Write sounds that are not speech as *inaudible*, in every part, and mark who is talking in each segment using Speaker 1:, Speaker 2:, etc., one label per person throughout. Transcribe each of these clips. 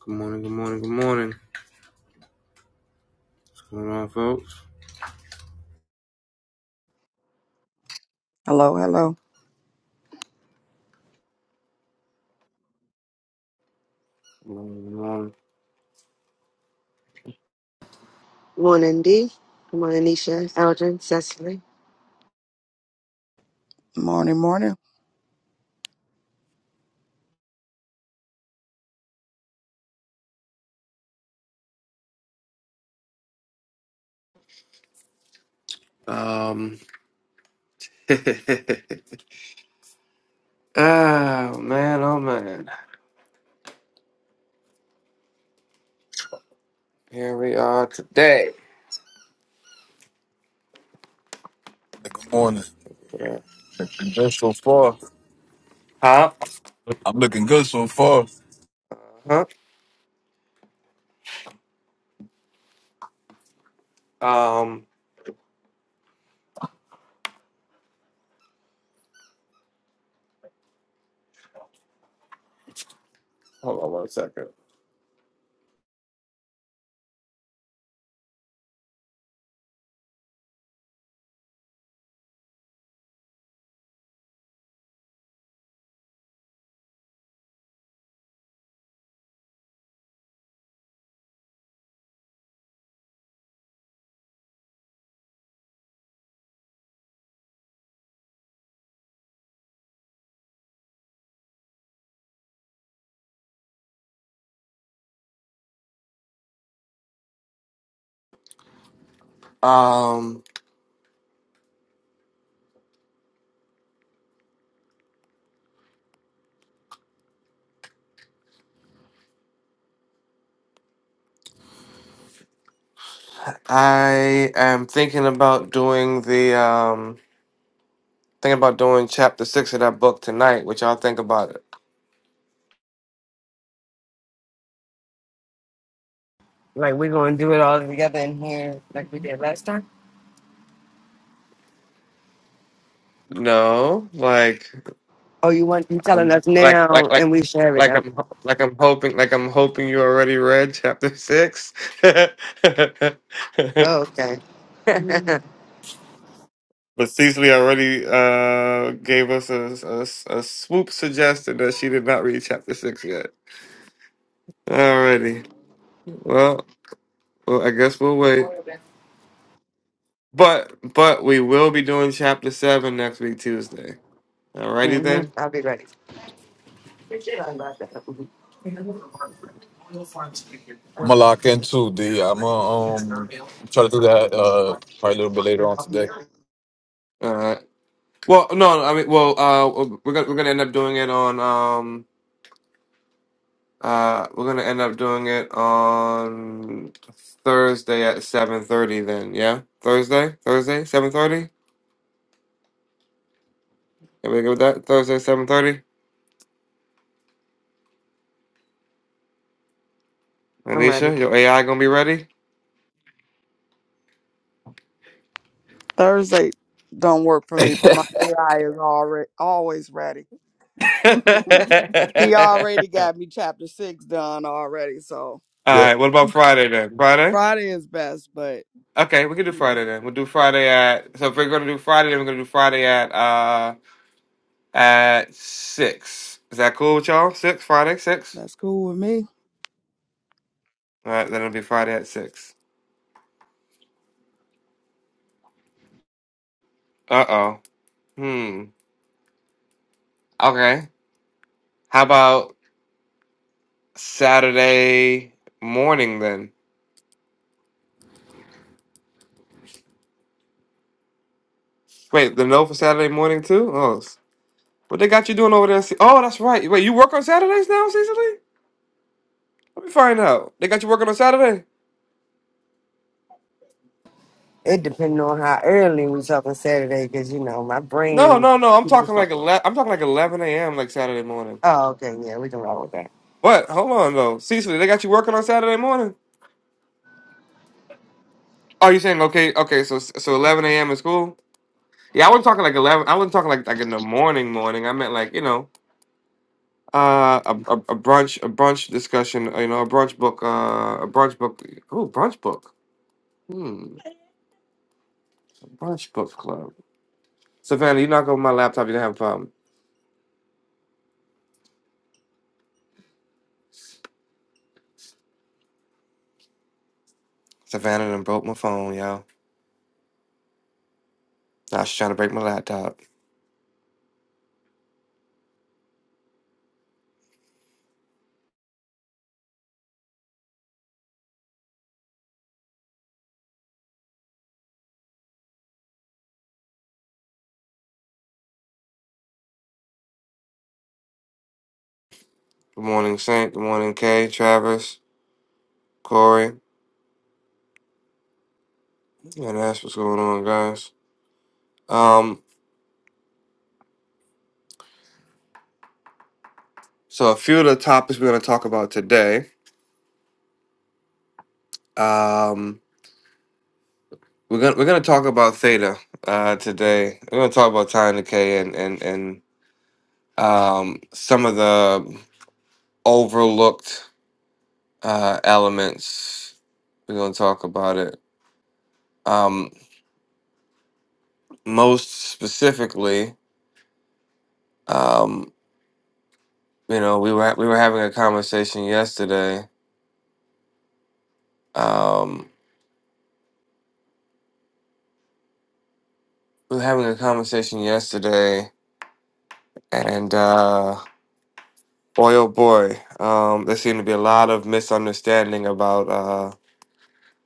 Speaker 1: Good morning, good morning, good morning. What's going on, folks?
Speaker 2: Hello, hello.
Speaker 1: Good morning, good morning.
Speaker 3: Morning, D. Good morning, Nisha, Eldrin, Cecily.
Speaker 2: Morning, morning.
Speaker 1: Um, *laughs* oh man, oh man. Here we are today.
Speaker 4: Good morning.
Speaker 1: Yeah.
Speaker 4: Looking good so far.
Speaker 1: Huh?
Speaker 4: I'm looking good so far.
Speaker 1: Uh-huh. Um, hold on one second. Um, I am thinking about doing the, um, thinking about doing chapter six of that book tonight. What y'all think about it?
Speaker 3: Like we're gonna do it all together in here, like we did last time.
Speaker 1: No? Like,
Speaker 3: Oh, you want you telling
Speaker 1: Um,
Speaker 3: us
Speaker 1: like like
Speaker 3: now,
Speaker 1: like
Speaker 3: and we share it
Speaker 1: like
Speaker 3: down.
Speaker 1: I'm ho- like I'm hoping like I'm hoping you already read chapter six. *laughs*
Speaker 3: Oh, okay. *laughs*
Speaker 1: But Cecily already uh, gave us a, a, a swoop suggestion that she did not read chapter six yet. Alrighty. Well, well, I guess we'll wait. But but we will be doing chapter seven next week Tuesday. Alrighty
Speaker 3: hmm
Speaker 1: then.
Speaker 3: I'll be ready.
Speaker 4: I'm gonna lock in too, D. I'm gonna um try to do that uh probably a little bit later on today.
Speaker 1: All right. Well, no, I mean, well, uh, we're gonna we're gonna end up doing it on um Uh, we're gonna end up doing it on Thursday at seven thirty. Then, yeah, Thursday, Thursday, seven thirty. Everybody good with that? Thursday, seven thirty.
Speaker 3: I'm ready.
Speaker 1: Anisha, your AI gonna be ready.
Speaker 2: Thursday don't work for me,
Speaker 4: *laughs*
Speaker 2: but my AI is already always ready.
Speaker 1: *laughs*
Speaker 2: *laughs*
Speaker 1: All
Speaker 2: he already got me chapter six done already, so
Speaker 4: yeah.
Speaker 1: right. What about Friday then? Friday.
Speaker 2: Friday is best, but
Speaker 1: Okay, we can do
Speaker 2: yeah,
Speaker 1: Friday then. We'll do Friday at. So if we're gonna do Friday, then we're gonna do Friday at uh at six. Is that cool with y'all? Six Friday, six.
Speaker 2: that's cool with me.
Speaker 1: All right, then it'll be Friday at six. Uh oh. Hmm. Okay. How about? Saturday morning then. Wait, the no for Saturday morning too? Oh, s- what they got you doing over there? Ce- Oh, that's right. Wait, you work on Saturdays now, Cecily? Let me find out. They got you working on Saturday?
Speaker 3: It depends on how early we talk on Saturday, because you know my
Speaker 1: No,
Speaker 3: brain.
Speaker 1: no, no. I'm talking like 11, I'm talking like 11 a.m. like Saturday morning.
Speaker 3: Oh, okay, yeah, we can roll with that.
Speaker 1: What? Hold on though, Cecily. They got you working on Saturday morning? Oh, you saying okay? Okay, so so 11 a.m. is cool. Yeah, I wasn't talking like 11. I wasn't talking like like in the morning, morning. I meant like you know. Uh, a, a, a brunch, a brunch discussion. uh, You know, a brunch book. Uh, a brunch book. Oh, brunch book. Hmm, brunch book club. Savannah, you knock over my laptop, you're gonna have a problem. Savannah done broke my phone, y'all. Now she's trying to break my laptop. Good morning, Saint. Good morning, Kay, Travis, Corey, and that's what's going on, guys. Um, so a few of the topics we're gonna talk about today. Um, we're gonna we're gonna talk about theta uh today. We're gonna talk about time decay and and and um, some of the overlooked uh, elements. We're going to talk about it. Um, most specifically, um, you know, we were we were having a conversation yesterday. Um, we were having a conversation yesterday, and uh, boy, oh boy, um, there seemed to be a lot of misunderstanding about uh,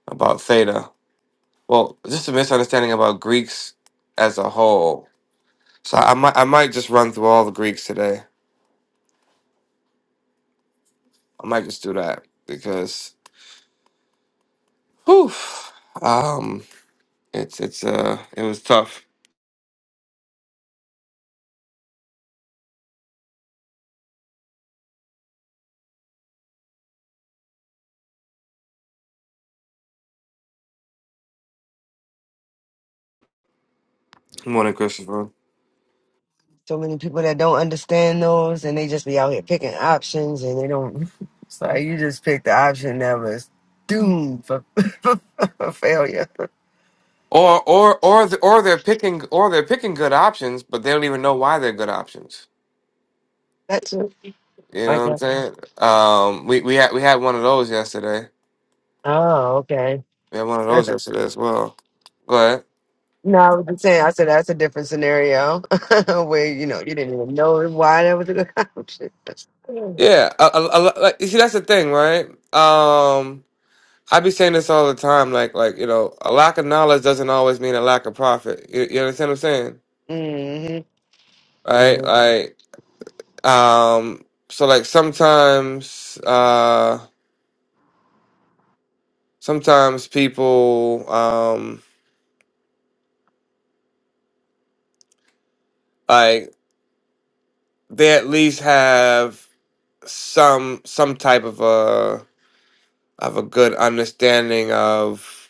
Speaker 1: about theta. Well, just a misunderstanding about Greeks as a whole So I might I might just run through all the Greeks today. I might just do that because whew, um it's it's uh it was tough. Morning, Christopher.
Speaker 3: So many people that don't understand those, and they just be out here picking options, and they don't. *laughs* It's like you just picked the option that was doomed for, *laughs* for failure.
Speaker 1: Or or or the, or they're picking or they're picking good options, but they don't even know why they're good options.
Speaker 3: That's
Speaker 1: You
Speaker 3: I
Speaker 1: know what I'm
Speaker 3: guess.
Speaker 1: saying? Um we, we had we had one of those yesterday.
Speaker 3: Oh, okay.
Speaker 1: We had one of
Speaker 3: That's
Speaker 1: those
Speaker 3: a,
Speaker 1: yesterday as well. Go ahead.
Speaker 3: no, I was just saying. I said that's a different scenario *laughs* where you know you didn't even know why that was a good option. Mm-hmm.
Speaker 1: Yeah, a, a, a, lo- like, you see that's the thing, right? Um, I be saying this all the time, like like you know, a lack of knowledge doesn't always mean a lack of profit. You, you understand what I'm saying,
Speaker 3: Mm-hmm.
Speaker 1: right? Like, um, so like sometimes, uh, sometimes people, um, like they at least have some some type of a of a good understanding of,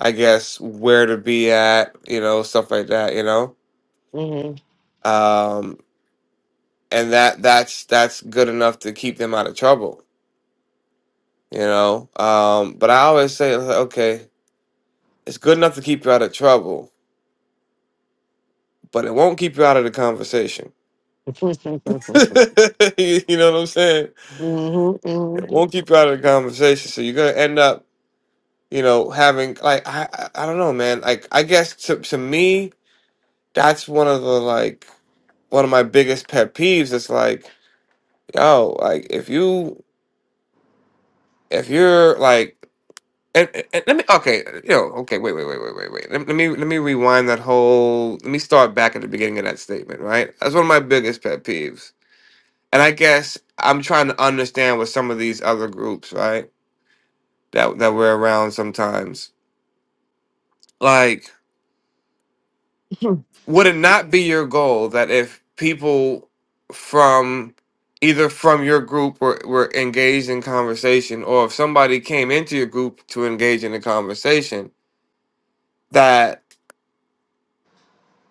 Speaker 1: I guess, where to be at, you know, stuff like that, you know,
Speaker 3: Mm-hmm.
Speaker 1: um, and that that's that's good enough to keep them out of trouble you know. Um, but I always say, it's like, okay, it's good enough to keep you out of trouble, but it won't keep you out of the conversation. *laughs* you you know what I'm saying?
Speaker 3: Mm-hmm.
Speaker 1: It won't keep you out of the conversation. So you're gonna end up, you know, having like I I I don't know, man. Like I guess to to me, that's one of the like one of my biggest pet peeves. It's like, yo, like if you if you're like And, and let me okay, you know, okay, wait, wait, wait, wait, wait, wait. Let, let me let me rewind that whole. Let me start back at the beginning of that statement. Right, that's one of my biggest pet peeves, and I guess I'm trying to understand with some of these other groups, right, that that we're around sometimes. Like, would it not be your goal that if people from either from your group were, were engaged in conversation, or if somebody came into your group to engage in a conversation, that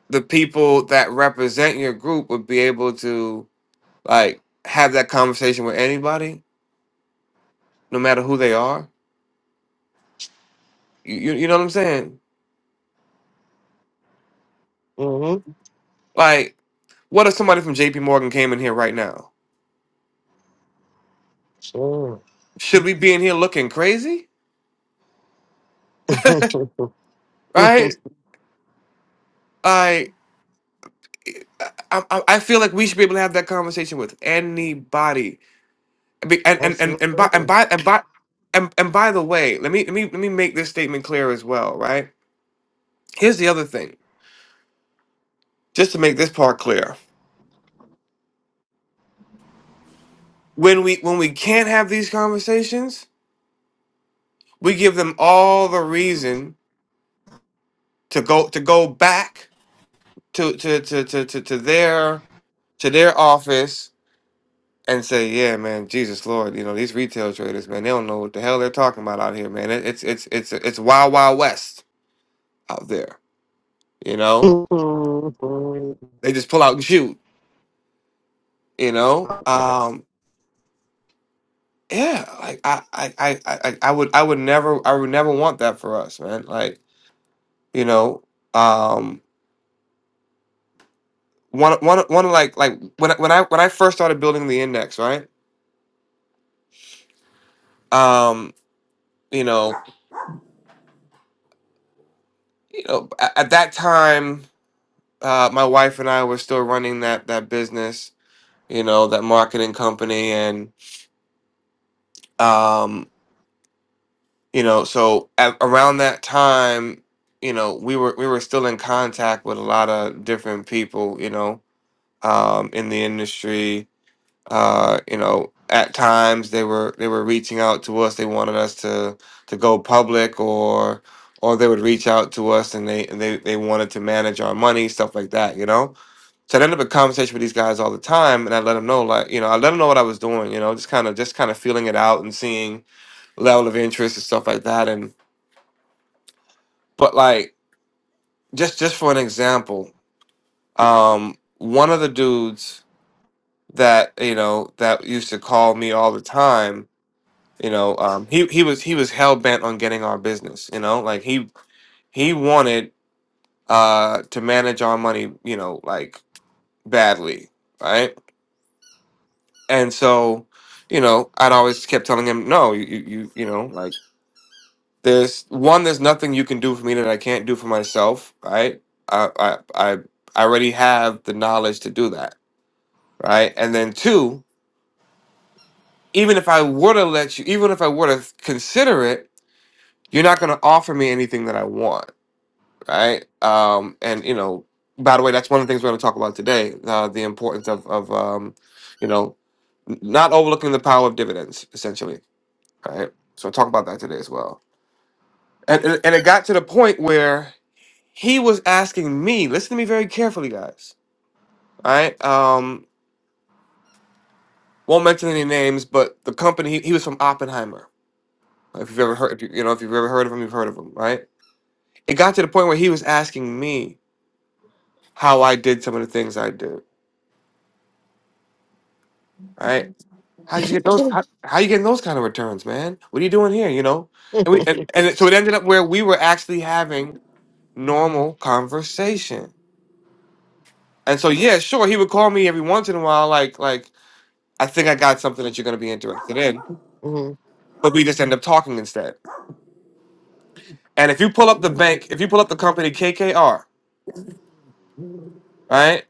Speaker 1: the people that represent your group would be able to like have that conversation with anybody, no matter who they are. You you, you know what I'm saying?
Speaker 3: Mm-hmm. *laughs*
Speaker 1: Like, what if somebody from J.P. Morgan came in here right now?
Speaker 3: Sure.
Speaker 1: Should we be in here looking crazy?
Speaker 3: *laughs*
Speaker 1: Right? Like, I, I, I feel like we should be able to have that conversation with anybody. I mean, And and and and by and
Speaker 3: Absolutely.
Speaker 1: by and by and, and by the way, let me let me let me make this statement clear as well. Right? Here's the other thing, just to make this part clear when we when we can't have these conversations, we give them all the reason to go to go back to to to to to, to their to their office and say, "Yeah, man, Jesus Lord, you know these retail traders, man, they don't know what the hell they're talking about out here, man. It, it's it's it's it's wild wild west out there, you know.
Speaker 3: Mm-hmm.
Speaker 1: They just pull out and shoot, you know. Um, yeah, like I I I I I I would I would never I would never want that for us, man. Like you know." Um, one one one of, like like when I- when I when I first started building the index, right? Um, you know, you know, a- at that time, uh, my wife and I were still running that that business, you know, that marketing company, and um, you know, so at, around that time, you know, we were we were still in contact with a lot of different people, you know, um, in the industry, Uh, you know, at times they were they were reaching out to us. They wanted us to to go public, or or they would reach out to us and they and they they wanted to manage our money, stuff like that. You know, so I ended up in conversation with these guys all the time, and I let them know, like you know, I let them know what I was doing. You know, just kind of just kind of feeling it out and seeing level of interest and stuff like that. And but like just just for an example, um, one of the dudes that you know that used to call me all the time You know, um, he he was he was hell bent on getting our business. You know, like he he wanted uh, to manage our money. You know, like badly, right? And so, you know, I'd always kept telling him, no, you you you you know, like there's one, there's nothing you can do for me that I can't do for myself, right? I I I I already have the knowledge to do that, right? And then two, even if I were to let you, even if I were to consider it, you're not going to offer me anything that I want right? Um, and you know, by the way, that's one of the things we're going to talk about today: uh, the importance of of um, you know n- not overlooking the power of dividends, essentially, right? So talk about that today as well. And and, and it got to the point where he was asking me. Listen to me very carefully, guys. All right. Um, won't mention any names, but the company he, he was from Oppenheimer. If you've ever heard, if you, you know, if you've ever heard of him, you've heard of him, right? It got to the point where he was asking me how I did some of the things I do, right? How did you get those? How, how you getting those kind of returns, man? What are you doing here? You know, and we and, and so it ended up where we were actually having normal conversation. And so yeah, sure, he would call me every once in a while, like like I think I got something that you're going to be interested in, but we just end up talking instead. And if you pull up the bank, if you pull up the company KKR, right?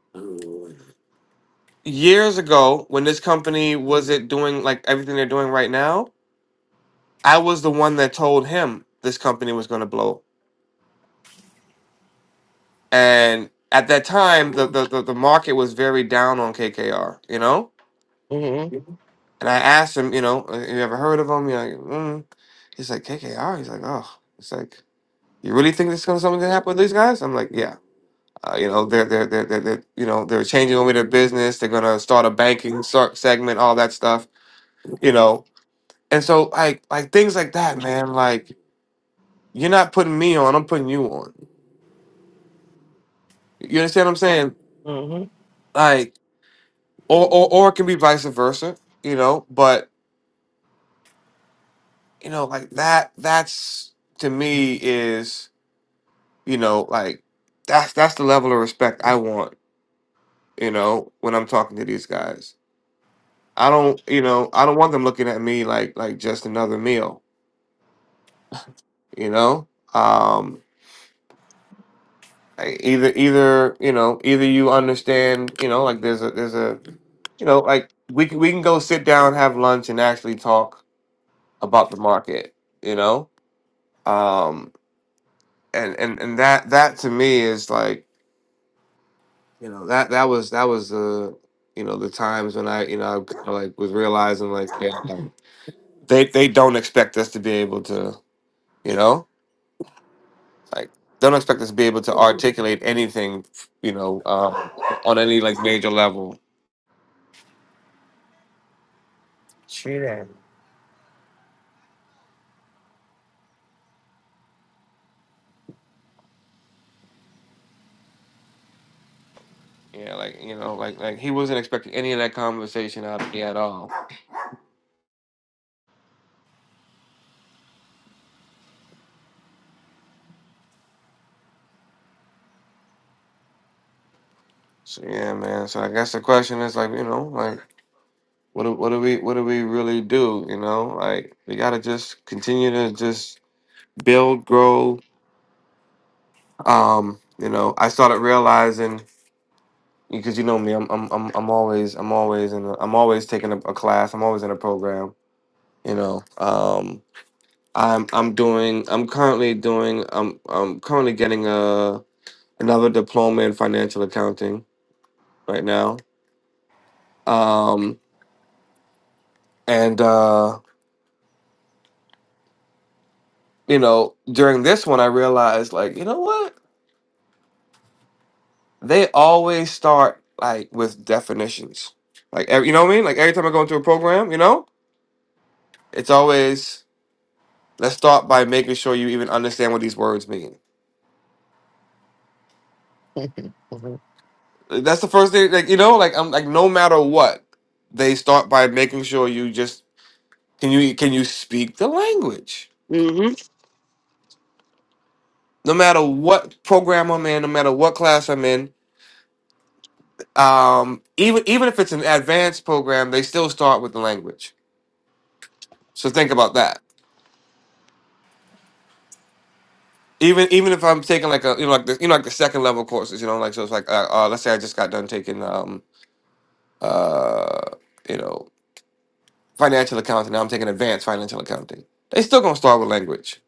Speaker 1: Years ago, when this company was it doing like everything they're doing right now, I was the one that told him this company was going to blow And at that time, the, the, the, the market was very down on KKR, you know? And I asked him, you know, "Uh, you ever heard of him? you like, mm. He's like, KKR? He's like, oh. It's like, you really think this is gonna, something gonna happen with these guys? I'm like, yeah. Uh, you know, they're, they're, they're, they're, they're, you know, they're changing over their business. They're gonna start a banking sort segment, all that stuff, you know? And so, like, like things like that, man, like, you're not putting me on, I'm putting you on. You understand what I'm saying?
Speaker 3: Mm-hmm.
Speaker 1: Like, or, or, or it can be vice versa, you know? But you know like that that's to me is you know like that's that's the level of respect i want you know when i'm talking to these guys i don't you know i don't want them looking at me like like just another meal you know um I- either either you know either you understand you know like there's a there's a you know like we can we can go sit down have lunch and actually talk about the market you know um and and and that that to me is like you know that that was that was uh you know the times when I you know I kind of like was realizing like yeah like, they they don't expect us to be able to you know like don't expect us to be able to articulate anything you know um, on any like major level
Speaker 3: True
Speaker 1: yeah like you know like like he wasn't expecting any of that conversation out of me at all so yeah man so I guess the question is like you know like what do, what do we what do we really do you know like we gotta just continue to just build grow Um, you know, I started realizing because you know me, I'm I'm I'm I'm always I'm always in a, I'm always taking a, a class. I'm always in a program. You know, um, I'm I'm doing I'm currently doing I'm I'm currently getting a another diploma in financial accounting right now. Um, and uh, you know, during this one, I realized like you know what they always start like with definitions. Like every, you know what I mean? Like every time I go into a program, you know, it's always Let's start by making sure you even understand what these words mean.
Speaker 3: that.
Speaker 1: That's the first thing, like you know, like I'm like no matter what, they start by making sure you just can you can you speak the language.
Speaker 3: *laughs* Mm-hmm.
Speaker 1: No matter what program I'm in, no matter what class I'm in, um, even even if it's an advanced program, they still start with the language. So think about that. Even even if I'm taking like a you know like the you know like the second level courses, you know like so it's like uh, uh, let's say I just got done taking um uh you know financial accounting. Now I'm taking advanced financial accounting. They still gonna start with language,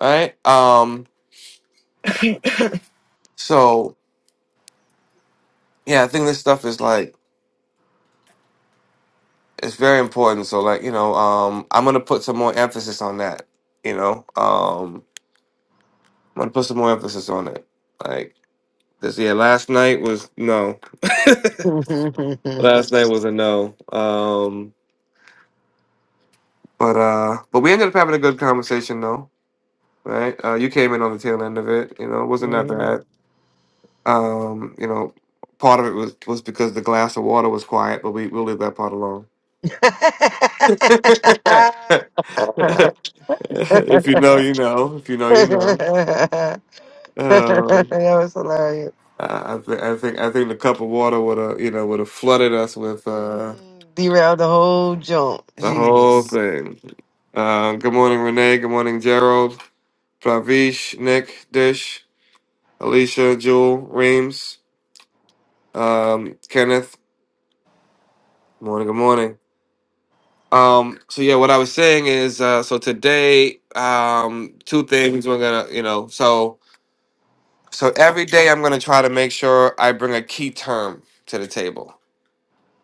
Speaker 1: all right? Um, so yeah, I think this stuff is like it's very important. So like you know, um, I'm gonna put some more emphasis on that. You know, um, I'm gonna put some more emphasis on it. Like this, yeah. Last night was no.
Speaker 3: Mm-hmm.
Speaker 1: Last night was a no. Um, but uh, but we ended up having a good conversation though, right? Uh, you came in on the tail end of it. You know, it wasn't that
Speaker 3: *laughs*
Speaker 1: bad. Um, you know, part of it was was because the glass of water was quiet, but we we'll leave that part alone. *laughs* if
Speaker 3: that
Speaker 1: you know, you know. If you know, you know. Um,
Speaker 3: was hilarious.
Speaker 1: I, I think I think I think the cup of water would have you know would have flooded us with uh,
Speaker 3: Derailed the whole jump.
Speaker 1: the whole
Speaker 3: Jesus.
Speaker 1: thing. Uh, good morning, Renee. Good morning, Gerald, Pravish, Nick, Dish, Alicia, Jewel, Reams, um, Kenneth. Morning. Good morning. Um, so yeah, what I was saying is, uh, so today, um, two things we're gonna, you know, so so every day I'm gonna try to make sure I bring a key term to the table,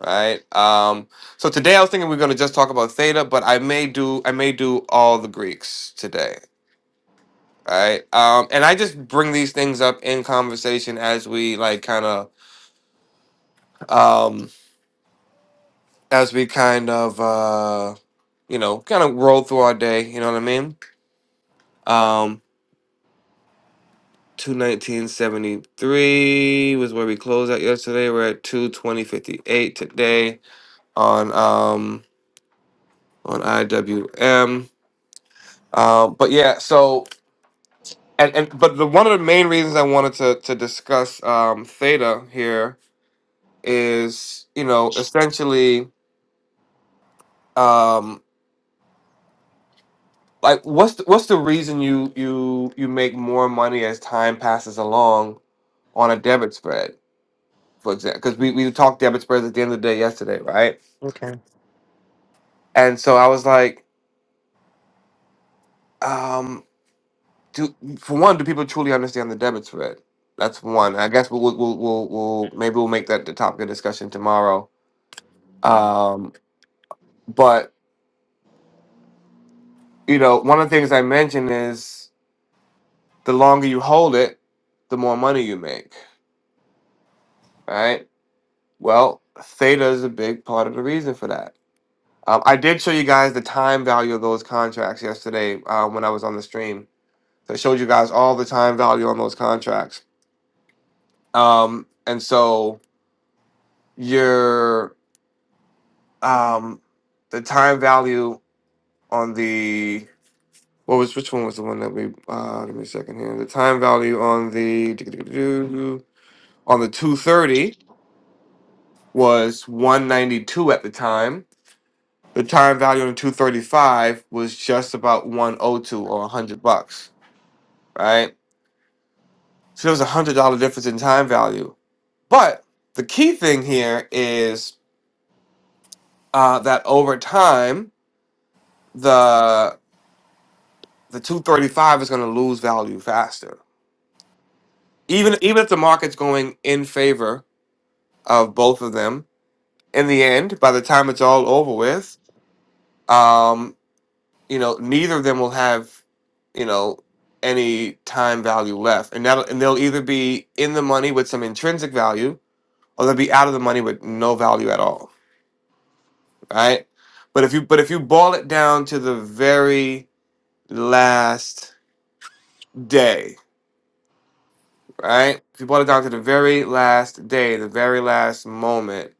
Speaker 1: right? Um, so today I was thinking we are gonna just talk about theta, but I may do I may do all the Greeks today, right? Um, and I just bring these things up in conversation as we like kind of um as we kind of uh you know kind of roll through our day, you know what I mean? Um, Two nineteen seventy three was where we closed out yesterday. We're at two twenty fifty eight today on um on IWM. Um, but yeah, so and, and but the one of the main reasons I wanted to to discuss um theta here is you know essentially um like what's the, what's the reason you you you make more money as time passes along on a debit spread for example because we, we talked debit spreads at the end of the day yesterday right
Speaker 3: Okay.
Speaker 1: And so I was like, um, do for one, do people truly understand the debit spread? That's one. I guess we'll we'll we'll, we'll maybe we'll make that the topic of discussion tomorrow. Um, but you know, one of the things I mentioned is the longer you hold it, the more money you make. Right. Well, theta is a big part of the reason for that. Um, I did show you guys the time value of those contracts yesterday uh, when I was on the stream. So I showed you guys all the time value on those contracts. Um, and so your um the time value on the what was which one was the one that we uh give me a second here the time value on the *tsk* on the 230 was 192 at the time the time value on the 235 was just about 102 or 100 bucks right so there was a hundred dollar difference in time value but the key thing here is uh, that over time the 235 is going to lose value faster. Even even if the market's going in favor of both of them, in the end, by the time it's all over with, um, you know, neither of them will have, you know, any time value left, and that and they'll either be in the money with some intrinsic value, or they'll be out of the money with no value at all, right? But if you but if you boil it down to the very last day, right? if you would it down to the very last day, the very last moment.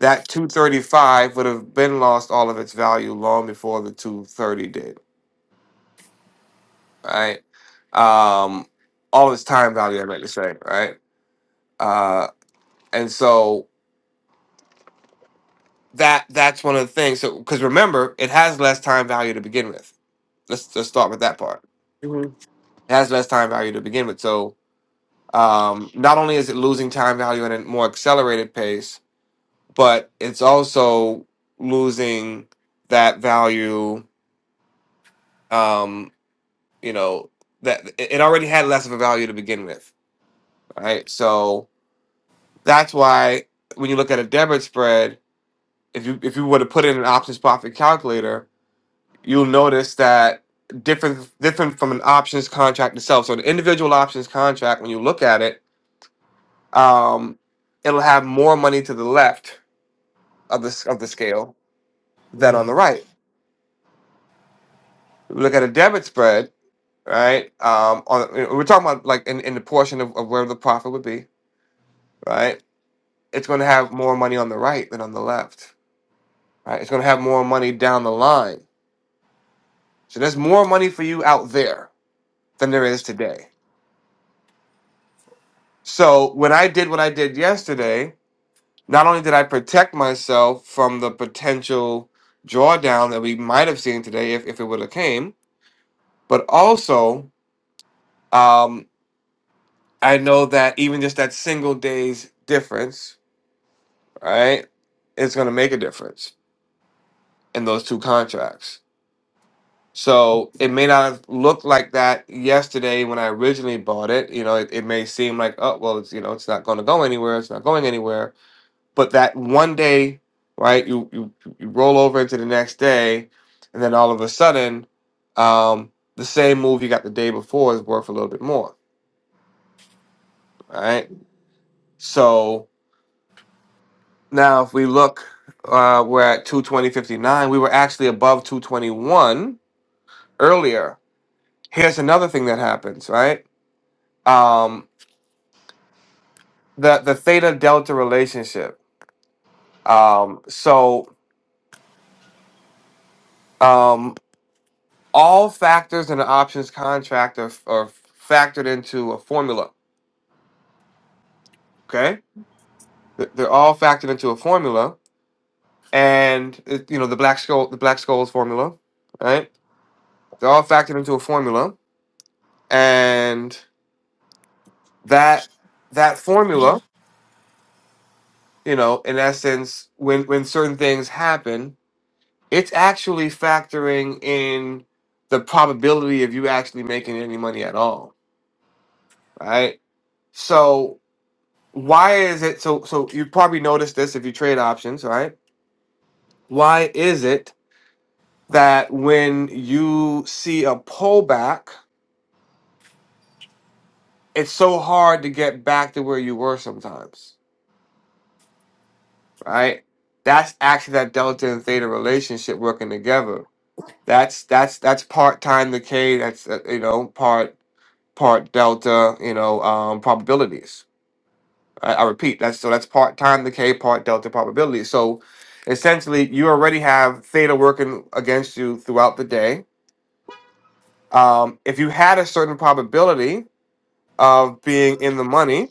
Speaker 1: That 235 would have been lost all of its value long before the 230 did, right? Um, all of its time value, I meant to say, right? Uh, and so that that's one of the things. So because remember, it has less time value to begin with. Let's let's start with that part.
Speaker 3: hmm
Speaker 1: It has less time value to begin with. So um, not only is it losing time value at a more accelerated pace, but it's also losing that value um you know that it it already had less of a value to begin with right so that's why when you look at a debit spread if you if you were to put in an options profit calculator you'll notice that different different from an options contract itself so the individual options contract when you look at it um it'll have more money to the left of the s- of the scale than
Speaker 3: hmm
Speaker 1: on the right look at a debit spread right? Um, on we're talking about like in, in the portion of, of where the profit would be, right? It's going to have more money on the right than on the left, right? It's going to have more money down the line. So there's more money for you out there than there is today. So when I did what I did yesterday, not only did I protect myself from the potential drawdown that we might have seen today if, if it would have came, but also um, I know that even just that single day's difference right? It's going to make a difference in those two contracts. So it may not have looked like that yesterday when I originally bought it. You know, it, it may seem like, oh, well, it's, you know, it's not going to go anywhere. It's not going anywhere. But that one day, right? You you, you roll over into the next day, and then all of a sudden, um, the same move you got the day before is worth a little bit more, right? So now if we look, uh, we're at two twenty fifty nine. We were actually above two twenty one earlier. Here's another thing that happens, right? Um, the the theta delta relationship. Um, so um, all factors in an options contract are, are factored into a formula. Okay, they're they're all factored into a formula, and it, you know the black Scholes the black skulls formula, right? They're all factored into a formula, and that that formula, you know, in essence, when when certain things happen, It's actually factoring in the probability of you actually making any money at all, right? So why is it so so you probably noticed this if you trade options, right? Why is it that when you see a pullback, it's so hard to get back to where you were sometimes, right? That's actually that delta and theta relationship working together. That's that's that's part time decay. That's uh, you know part part delta, you know, um, probabilities. I, I repeat, that's so that's part time decay, part delta probability. So essentially, you already have theta working against you throughout the day. Um, if you had a certain probability of being in the money, if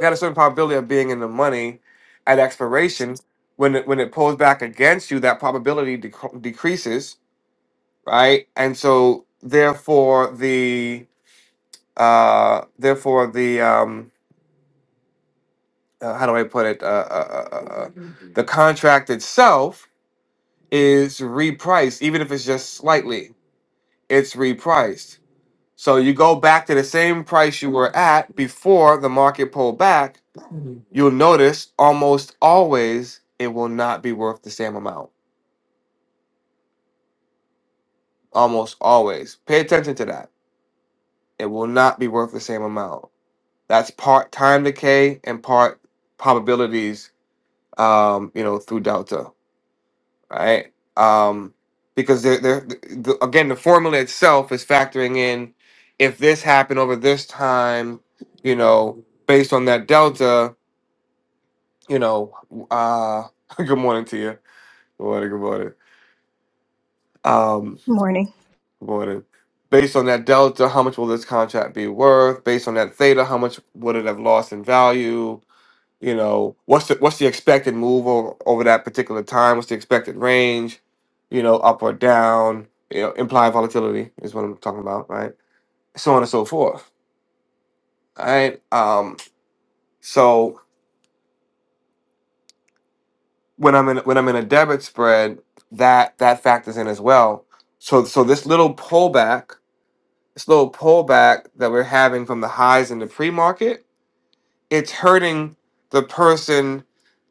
Speaker 1: you had a certain probability of being in the money at expiration. When it, when it pulls back against you, that probability dec- decreases, right? And so therefore the uh, therefore the um, uh, how do I put it? Uh, uh, uh, uh, uh, the contract itself is repriced, even if it's just slightly. It's repriced, so you go back to the same price you were at before the market pulled back. You'll notice almost always it will not be worth the same amount. Almost always. Pay attention to that. It will not be worth the same amount. That's part time decay and part probabilities. Um, you know, through delta. right? Um, because they're, they're, the, again, the formula itself is factoring in if this happened over this time, you know, based on that delta, you know, uh, *laughs* good morning to you. Good morning, good morning. Um,
Speaker 5: morning
Speaker 1: good morning. Based on that delta, how much will this contract be worth? Based on that theta, how much would it have lost in value? You know, what's the what's the expected move over, over that particular time? What's the expected range? You know, up or down? You know, implied volatility is what I'm talking about, right? So on and so forth. All right. Um, so when I'm in when I'm in a debit spread, that that factors in as well. So so this little pullback, this little pullback that we're having from the highs in the pre-market it's hurting the person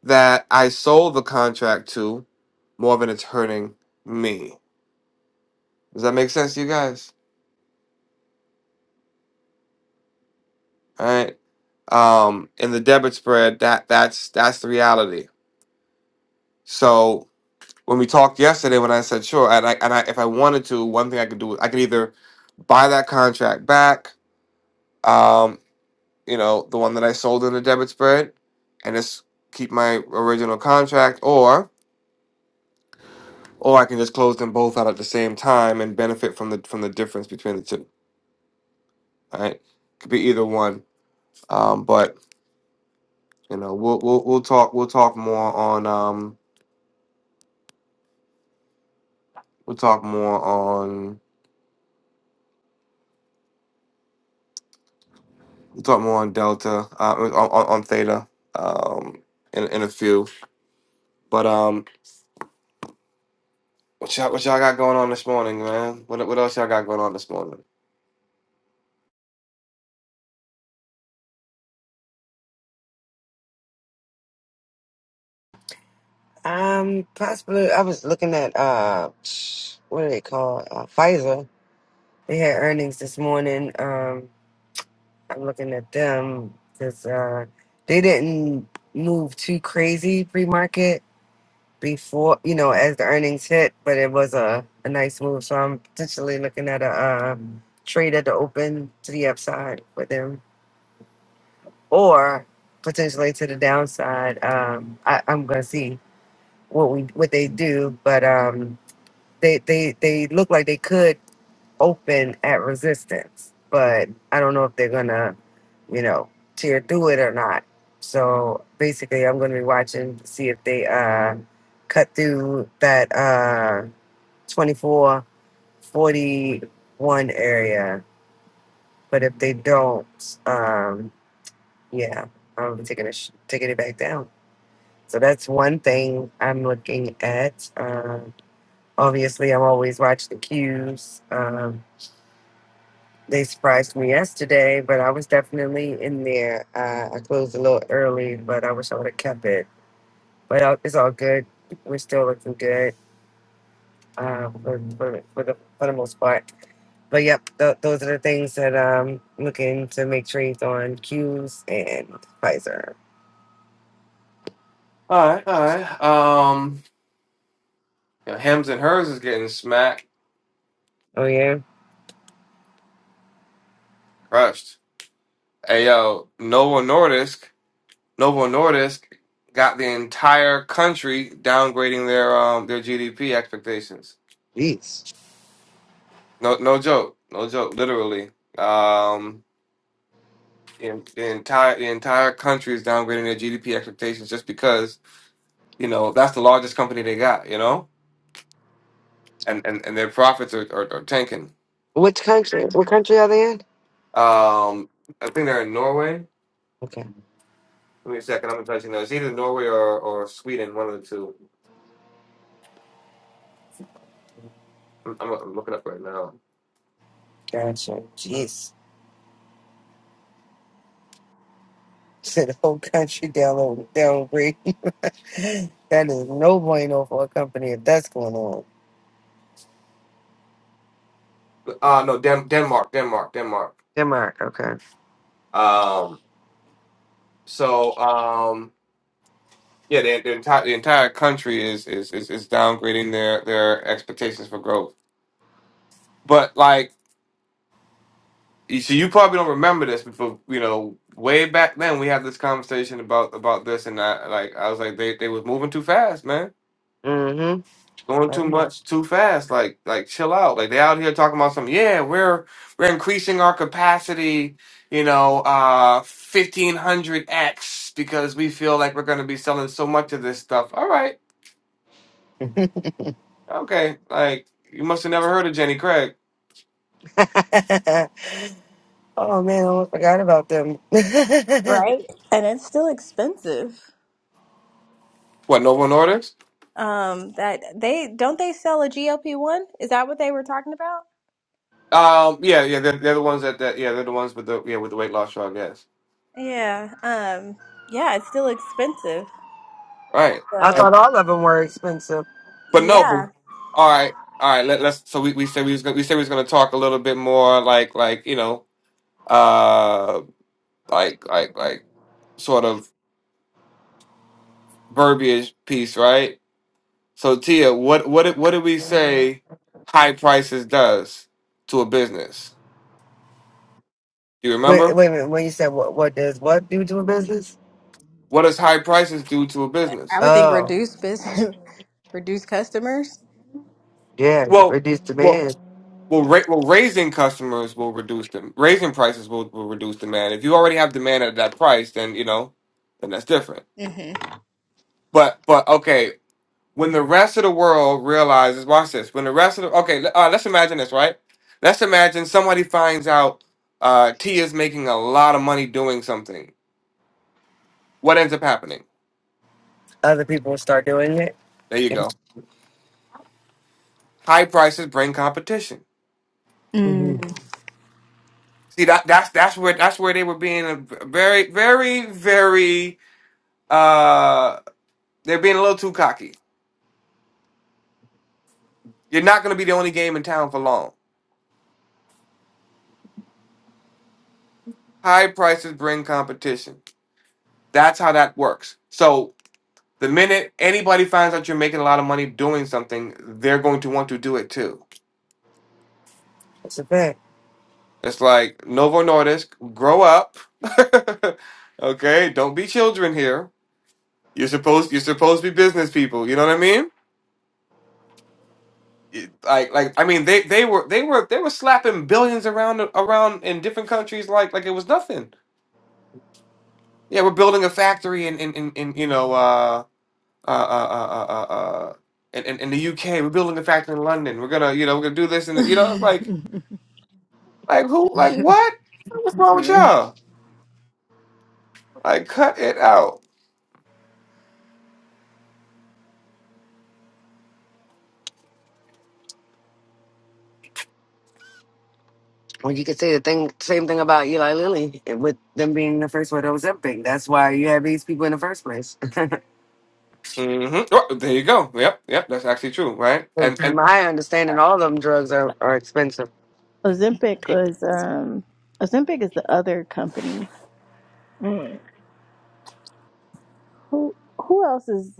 Speaker 1: that I sold the contract to more than it's hurting me. Does that make sense to you guys? All right. Um, in the debit spread, that that's that's the reality. So when we talked yesterday, when I said sure, and I and I if I wanted to, one thing I could do, is I could either buy that contract back, um, you know, the one that I sold in the debit spread, and just keep my original contract, or. or I can just close them both out at the same time and benefit from the from the difference between the two. All right, could be either one. Um, but you know, we'll we'll we'll talk we'll talk more on um we'll talk more on we'll talk more on delta uh on on, on theta um in in a few. But um, what y'all what y'all got going on this morning, man? What what else y'all got going on this morning?
Speaker 3: Um, possibly. I was looking at uh, what are they called? Uh, Pfizer. They had earnings this morning. Um, I'm looking at them because uh, they didn't move too crazy pre-market. before, you know, as the earnings hit, but it was a, a nice move. So I'm potentially looking at a uh, trade at the open to the upside with them or potentially to the downside. Um, I, I'm going to see what we what they do, but um, they, they, they look like they could open at resistance, but I don't know if they're going to, you know, tear through it or not. So basically, I'm going to be watching to see if they uh, cut through that. Uh, Twenty four, forty one area. But if they don't, um, yeah, I'm taking it, sh- taking it back down. So that's one thing I'm looking at. Um, obviously, I'm always watching the cues. Um, they surprised me yesterday, but I was definitely in there. Uh, I closed a little early, but I wish I would have kept it. But uh, it's all good. We're still looking good uh, for, for, for, the, for the most part. but yep, th- those are the things that I'm looking to make trades on Q's and Pfizer.
Speaker 1: All right, all right. Um, yeah, Hims and hers is getting smacked,
Speaker 3: Oh yeah,
Speaker 1: crushed. Hey yo, Noah Nordisk. Novo Nordisk got the entire country downgrading their um their GDP expectations.
Speaker 3: jeez.
Speaker 1: No no joke, no joke, literally. Um the, the entire the entire country is downgrading their GDP expectations just because you know that's the largest company they got, you know, and and, and their profits are, are, are tanking.
Speaker 3: Which country? What country are they in?
Speaker 1: Um, I think they're in Norway.
Speaker 3: Okay,
Speaker 1: Give me a second, I'm gonna tell you now. It's either Norway or, or Sweden, one of the two. I'm, I'm looking up right now.
Speaker 3: gotcha. Jeez, *laughs* said the whole country down downgrade. *laughs* that is no bueno for a company if that's going on.
Speaker 1: Uh no, Den- Denmark, Denmark, Denmark.
Speaker 3: Denmark, okay.
Speaker 1: Um, So um, yeah, the, the entire the entire country is is, is is downgrading their their expectations for growth. But like, you see, you probably don't remember this, but for, you know, way back then we had this conversation about about this, and I like I was like they they was moving too fast, man.
Speaker 3: Mm-hmm.
Speaker 1: Doing
Speaker 3: I
Speaker 1: too
Speaker 3: remember.
Speaker 1: much too fast, like like chill out. Like they out here talking about some, yeah, we're we're increasing our capacity, you know, uh fifteen hundred X because we feel like we're gonna be selling so much of this stuff. All right, Okay, like you must have never heard of Jenny Craig.
Speaker 3: *laughs* oh man, I almost forgot about them. *laughs* I
Speaker 5: right and it's still expensive
Speaker 1: What, Novo Nordisk?
Speaker 5: um that they don't they sell a glp-1 is that what they were talking about
Speaker 1: Um, yeah, yeah, they're, they're the ones that, that, yeah, they're the ones with the, yeah, with the weight loss drug. Yes,
Speaker 5: yeah um yeah it's still expensive
Speaker 1: right. And,
Speaker 5: so
Speaker 3: thought all of them were expensive.
Speaker 1: but no, but,
Speaker 5: yeah
Speaker 1: all right, all right. Let, let's. So we, we said we was gonna, we said we was gonna talk a little bit more like like you know uh like like like sort of verbiage piece, right? So Tia, what what did- what did we say? High prices does to a business. Do you
Speaker 3: Wait,
Speaker 1: remember?
Speaker 3: wait a minute. When you said what, what does what do to a business?
Speaker 1: What does high prices do to a business?
Speaker 5: i would think
Speaker 3: Oh,
Speaker 5: reduce business *laughs* reduce customers
Speaker 3: yeah,
Speaker 1: Well,
Speaker 3: reduce
Speaker 1: well,
Speaker 3: demand.
Speaker 1: well, ra- well, raising customers will reduce them. Raising prices will, will reduce demand. If you already have demand at that price, then you know, then that's different.
Speaker 5: hmm
Speaker 1: But but okay, when the rest of the world realizes, watch this. When the rest of the okay, le- uh, let's imagine this, right? Let's imagine somebody finds out uh, T is making a lot of money doing something. What ends up happening?
Speaker 3: Other people will start doing it.
Speaker 1: There you go. High prices bring competition.
Speaker 5: Mm.
Speaker 3: Mm-hmm.
Speaker 1: See that that's that's where that's where they were being a v- very very very. uh, They're being a little too cocky. You're not going to be the only game in town for long. High prices bring competition. That's how that works. So the minute anybody finds out you're making a lot of money doing something, they're going to want to do it too.
Speaker 3: That's a fact.
Speaker 1: It's like Novo Nordisk, grow up. *laughs* okay, don't be children here. You're supposed you're supposed to be business people. You know what I mean? It- Like like I mean they they were they were they were slapping billions around around in different countries like like it was nothing. Yeah, we're building a factory in in in, in you know uh uh uh uh uh, uh uh, in, in in the UK. We're building a factory in London. We're gonna you know we're gonna do this and you know it's like
Speaker 5: *laughs*
Speaker 1: like who like what? What's wrong with
Speaker 5: Mhm.
Speaker 1: y'all? Like cut it out.
Speaker 3: Well, you could say the thing, same thing about Eli Lilly and with them being the first one that was Ozempic. That's why you have these people in the first place. *laughs*
Speaker 1: hmm Oh, there you go. Yep, yep. That's actually true, right? And
Speaker 3: From
Speaker 1: and
Speaker 3: my understanding, all of them drugs are, are expensive.
Speaker 5: Ozempic was um Ozempic is the other company. Who who else is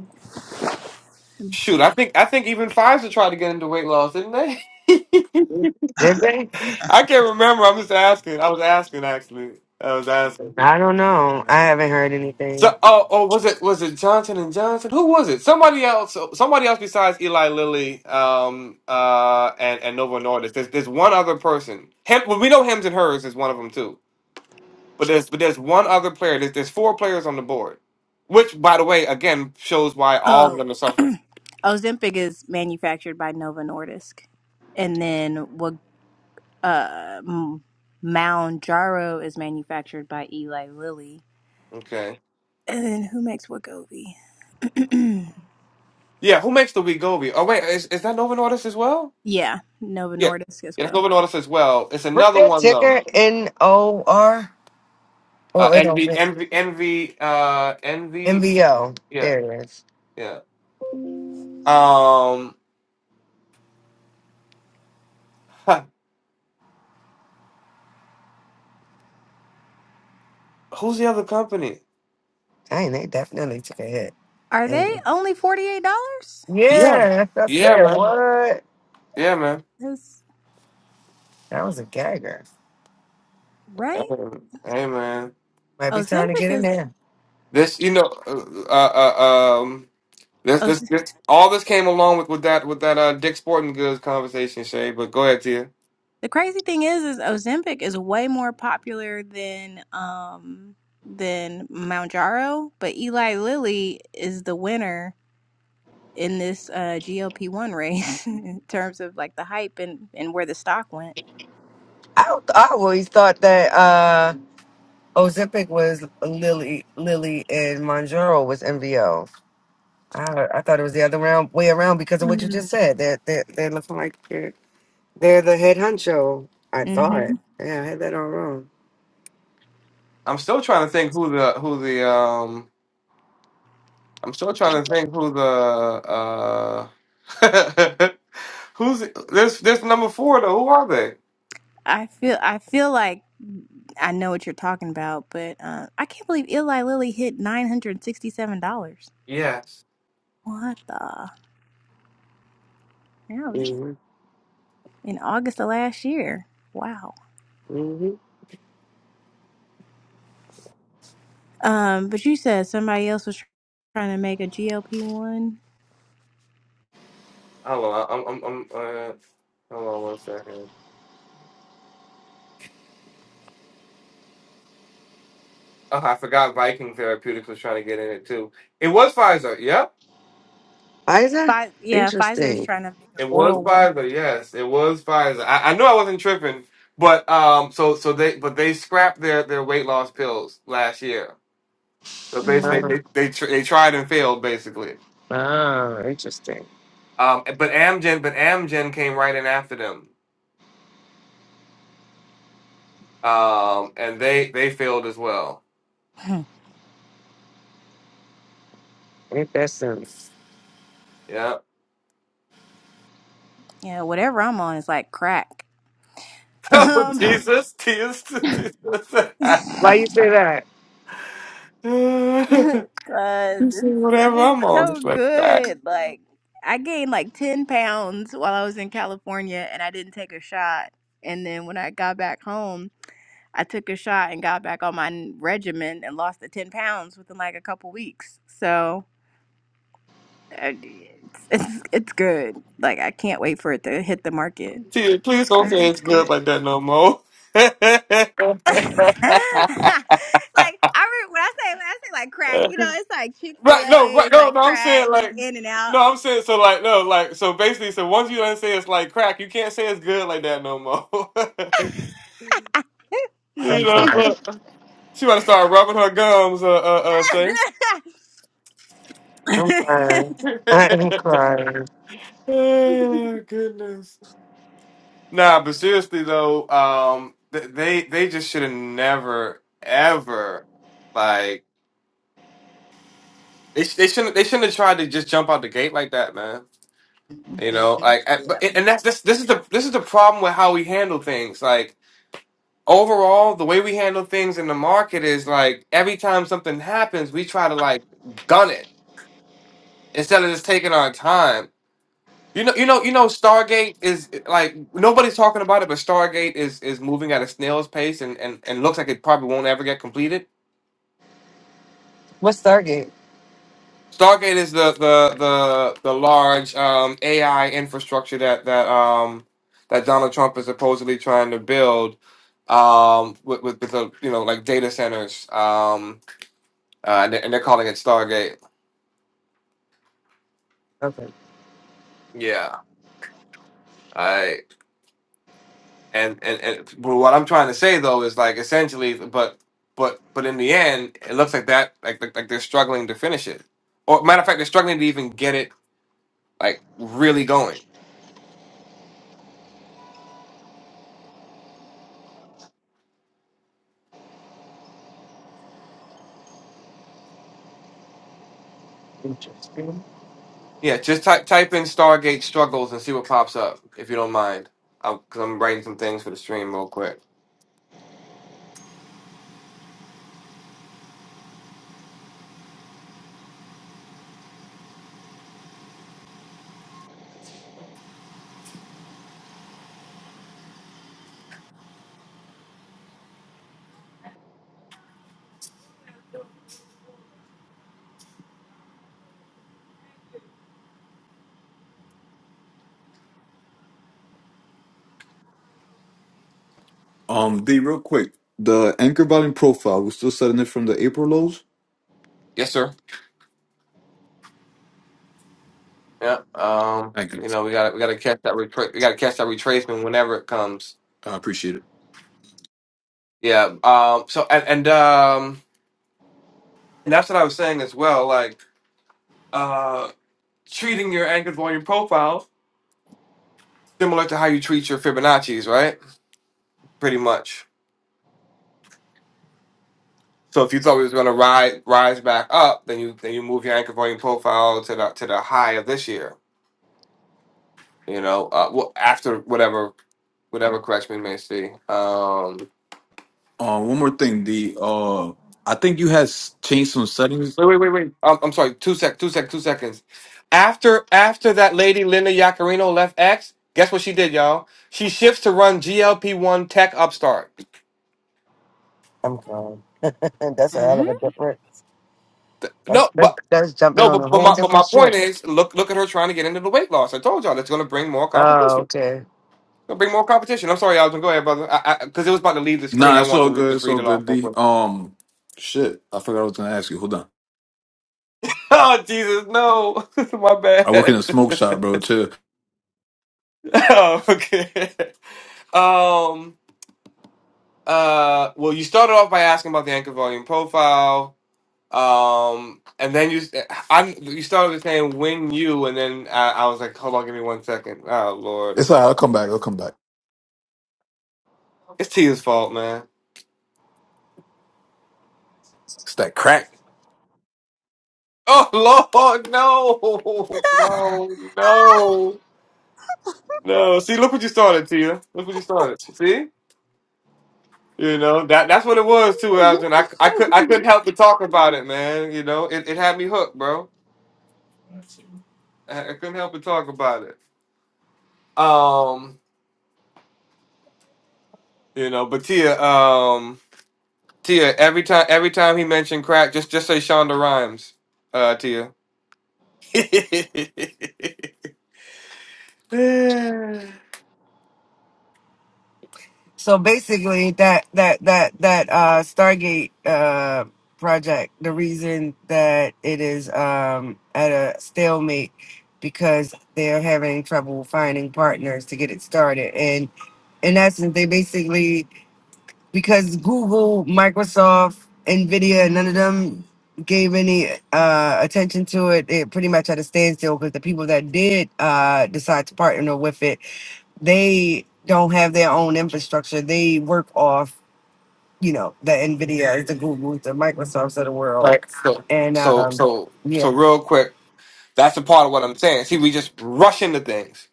Speaker 5: let me
Speaker 1: shoot, I
Speaker 5: see.
Speaker 1: think I think even Pfizer tried to get into weight loss, didn't they? *laughs*
Speaker 3: Did they?
Speaker 1: I can't remember. I'm just asking. I was asking actually. I was asking.
Speaker 3: I don't know. I haven't heard
Speaker 1: So,
Speaker 3: anything.
Speaker 1: oh, oh, was it was it Johnson and Johnson? Who was it? Somebody else, somebody else besides Eli Lilly, um, uh, and and Novo Nordisk. There's there's one other person. Hem, well, we know Hems and Hers is one of them too. But there's but there's one other player. There's there's four players on the board, which by the way, again shows why all
Speaker 5: Oh.
Speaker 1: of them are suffering.
Speaker 5: Ozempic is manufactured by Novo Nordisk, and then what? Uh, M- Mounjaro is manufactured by Eli Lilly,
Speaker 1: Okay,
Speaker 5: and then who makes Wegovy? *clears throat*
Speaker 1: yeah. Who makes the Wegovy? Oh wait, is is that Novo Nordisk as well?
Speaker 5: yeah, Novo
Speaker 1: Yeah,
Speaker 5: Nordisk as
Speaker 1: yeah, that's
Speaker 5: well.
Speaker 1: Novo Nordisk as well. It's
Speaker 3: What's
Speaker 1: another
Speaker 3: that
Speaker 1: one though.
Speaker 3: ticker? N O R?
Speaker 1: Uh,
Speaker 3: Oh, wait, no,
Speaker 1: envy, envy, envy. uh, NV.
Speaker 3: MVO.
Speaker 1: Yeah,
Speaker 3: There it is.
Speaker 1: yeah. Um, huh, who's the other company?
Speaker 3: Dang, they definitely took a hit.
Speaker 5: Are they
Speaker 3: And-
Speaker 5: only forty eight dollars?
Speaker 1: Yeah,
Speaker 3: Yeah, that's what I
Speaker 1: yeah,
Speaker 3: said.
Speaker 1: man,
Speaker 3: What?
Speaker 1: yeah, man.
Speaker 5: Is
Speaker 3: That was a gagger.
Speaker 5: right?
Speaker 1: Um, Hey, man.
Speaker 3: Might be time to
Speaker 5: Ozempic
Speaker 3: get in
Speaker 5: is.
Speaker 3: there.
Speaker 1: This, you know, uh, uh, uh, um, this, this,
Speaker 5: Oz-
Speaker 1: this, all this came along with with that with that uh Dick Sporting Goods conversation, Shay. But go ahead, Tia.
Speaker 5: the crazy thing is, is Ozempic is way more popular than um than Mounjaro, but Eli Lilly is the winner in this uh, GOP one race *laughs* in terms of like the hype and, and where the stock went.
Speaker 3: I I always thought that uh Ozipic was Lily Lily and Monjaro was MVO. I I thought it was the other round, way around because of what you
Speaker 5: Mm-hmm.
Speaker 3: just said. They're they're, they're looking like they're, they're the head honcho. I thought.
Speaker 5: hmm
Speaker 3: Yeah, I had that all wrong.
Speaker 1: I'm still trying to think who the who the um. I'm still trying to think who the uh. *laughs* who's this? This number four though. Who are they?
Speaker 5: I feel I feel like I know what you're talking about, but uh, I can't believe Eli Lilly hit nine hundred sixty-seven dollars.
Speaker 1: Yes.
Speaker 5: What the? That was
Speaker 3: Mm-hmm.
Speaker 5: in August of last year. Wow.
Speaker 3: Mm-hmm.
Speaker 5: Um, but you said somebody else was tr- trying to make a GLP one.
Speaker 1: Hold on. I'm. I'm. I'm uh, hold on one second. Oh, I forgot Viking Therapeutics was trying to get in it too. It was Pfizer. Yep.
Speaker 3: Isa?
Speaker 5: Fi- yeah, Pfizer is
Speaker 3: Interesting.
Speaker 5: trying to make an
Speaker 1: It was
Speaker 5: oral one.
Speaker 1: Pfizer. Yes, it was Pfizer. I, I knew I wasn't tripping, but um, so so they but they scrapped their their weight loss pills last year. So basically, they
Speaker 3: Oh,
Speaker 1: they
Speaker 5: Mm.
Speaker 1: they, tr- they tried and failed basically.
Speaker 3: oh, interesting.
Speaker 1: Um, but Amgen but Amgen came right in after them. Um, and they they failed as well.
Speaker 5: *clears throat*
Speaker 3: Ain't that sense?
Speaker 1: Yeah. *laughs*
Speaker 5: Yeah, whatever I'm on is like crack. *laughs*
Speaker 1: Oh
Speaker 5: Um,
Speaker 1: Jesus, Jesus, Jesus. *laughs*
Speaker 5: *laughs*
Speaker 3: Why you say that?
Speaker 1: You
Speaker 5: *laughs* Cause
Speaker 1: see,
Speaker 5: it's
Speaker 1: whatever
Speaker 5: it's
Speaker 1: I'm on.
Speaker 5: so
Speaker 1: it's like,
Speaker 5: good. Like I gained like ten pounds while I was in California, and I didn't take a shot. And then when I got back home, I took a shot and got back on my n- regimen and lost the ten pounds within like a couple weeks. So uh, it's it's, it's good. Like I can't wait for it to hit the market,
Speaker 1: Dude, please don't
Speaker 5: but
Speaker 1: say it's
Speaker 5: it's
Speaker 1: good
Speaker 5: good.
Speaker 1: like that no more. *laughs* right,
Speaker 5: *laughs* like I re- when I say when I say like crack, you know, it's like Chick Fil
Speaker 1: no,
Speaker 5: A
Speaker 1: right,
Speaker 5: is
Speaker 1: no,
Speaker 5: like
Speaker 1: no, I'm saying
Speaker 5: crack
Speaker 1: like
Speaker 5: in and out.
Speaker 1: no, I'm saying so like no, like so basically so once you don't say it's like crack, you can't say it's good like that no more. *laughs*
Speaker 5: *laughs*
Speaker 1: you
Speaker 3: I'm
Speaker 1: know.
Speaker 3: crying.
Speaker 5: Mhm.
Speaker 1: but She wanna start rubbing her gums, uh uh uh Shanks.
Speaker 3: I'm crying.
Speaker 1: *laughs*
Speaker 3: I am crying.
Speaker 1: oh, goodness. Nah, but seriously though, um th- they they just should have never ever like they, sh- they shouldn't they shouldn't have tried to just jump out the gate like that, man. You know, like, I-
Speaker 5: Yeah.
Speaker 1: but and that's this. This is the this is the problem with how we handle things. Like overall, the way we handle things in the market is like every time something happens, we try to like gun it instead of just taking our time. You know, you know, you know. Stargate is like nobody's talking about it, but Stargate is is moving at a snail's pace and and and looks like it probably won't ever get completed
Speaker 3: What's Stargate?
Speaker 1: Stargate is the the the the large um, AI infrastructure that that um, that Donald Trump is supposedly trying to build um, with with, with the, you know like data centers, um, uh, and, they- and they're calling it Stargate.
Speaker 3: Okay,
Speaker 1: Yeah, I and, and and but what I'm trying to say though is like essentially, but but but in the end, it looks like that like like, like they're struggling to finish it, or matter of fact, they're struggling to even get it like really going.
Speaker 3: interesting.
Speaker 1: Yeah, just type type in Stargate struggles and see what pops up if you don't mind. I'll, cause I'm writing some things for the stream real quick.
Speaker 4: Um, D, real quick, the anchor volume profile, we're still setting it from the April lows.
Speaker 1: Yes, sir. Yeah. Um.
Speaker 4: Thank you.
Speaker 1: You know, we got to we got to catch that retra- we got to catch that retracement whenever it comes.
Speaker 4: I appreciate it.
Speaker 1: Yeah. Um. So and and um and that's what I was saying as well. Like uh, treating your anchor volume profile similar to how you treat your Fibonacci's, right? Pretty much. So if you thought we was gonna rise rise back up, then you then you move your anchor volume profile to the to the high of this year You know, uh, well, after whatever whatever correction we may see. Um,
Speaker 4: Um, one more thing, D. Uh, I think you had s- changed some settings.
Speaker 1: wait, wait, wait, wait. Um, I'm sorry. Two sec, two sec, two seconds. After after that lady Linda Yacarino left X, guess what she did, y'all? She shifts to run GLP-1 Tech Upstart.
Speaker 3: I'm gone. *laughs* that's a hell
Speaker 5: hmm hmm
Speaker 3: of a different.
Speaker 1: Th- No,
Speaker 3: That's that's
Speaker 1: but
Speaker 3: that's jumping
Speaker 1: no,
Speaker 3: on
Speaker 1: but,
Speaker 3: a
Speaker 1: but
Speaker 3: whole
Speaker 1: my but my
Speaker 3: different
Speaker 1: point
Speaker 3: ship.
Speaker 1: is, look look at her trying to get into the weight loss. I told y'all that's going to bring more
Speaker 3: Oh,
Speaker 1: competition.
Speaker 3: okay.
Speaker 1: Gonna bring more competition. I'm sorry, Alvin. Go ahead, brother. I Because it was about to leave the screen. I
Speaker 4: Nah, it's
Speaker 1: want
Speaker 4: all
Speaker 1: to re-
Speaker 4: good.
Speaker 1: just
Speaker 4: It's
Speaker 1: read
Speaker 4: all
Speaker 1: it off.
Speaker 4: good,
Speaker 1: real
Speaker 4: D.
Speaker 1: quick. *laughs*
Speaker 4: Um, shit, I forgot I was gonna ask you. Hold on.
Speaker 1: Oh Jesus, no! *laughs* my
Speaker 4: I work in a smoke
Speaker 1: bad. *laughs*
Speaker 4: shop, bro. Too.
Speaker 1: oh, okay. *laughs* Um. Uh. Well, you started off by asking about the anchor volume profile. Um. And then you, I, you started with saying when you, and then I, I was like, hold on, give me one second. Oh Lord,
Speaker 4: It's alright, I'll come back, I'll come back.
Speaker 1: it's Tia's fault, man. *laughs*
Speaker 4: It's that crack.
Speaker 1: Oh Lord, no, no, no, no. See, look what you started, Tia. Look what you started. See. You know that that's what it was too, Alvin. I, I could I couldn't help but talk about it, man. You know it, it had me hooked, bro. I, I couldn't help but talk about it. Um, you know, but Tia, um, Tia, every time every time he mentioned crack, just just say Shonda Rhimes, uh, Tia. *laughs* right.
Speaker 3: So basically, that that that that uh, Stargate uh, project. The reason that it is um, at a stalemate because they're having trouble finding partners to get it started, and in essence, they basically because Google, Microsoft, Nvidia, none of them gave any uh, attention to it. It pretty much had a standstill because the people that did uh, decide to partner with it, they don't have their own infrastructure. They work off, you know, the Nvidia, the Google, the Microsofts of the world,
Speaker 1: So
Speaker 3: and
Speaker 1: so
Speaker 3: um,
Speaker 1: so
Speaker 3: yeah.
Speaker 1: so real quick, that's a part of what I'm saying. See, we just rush into things.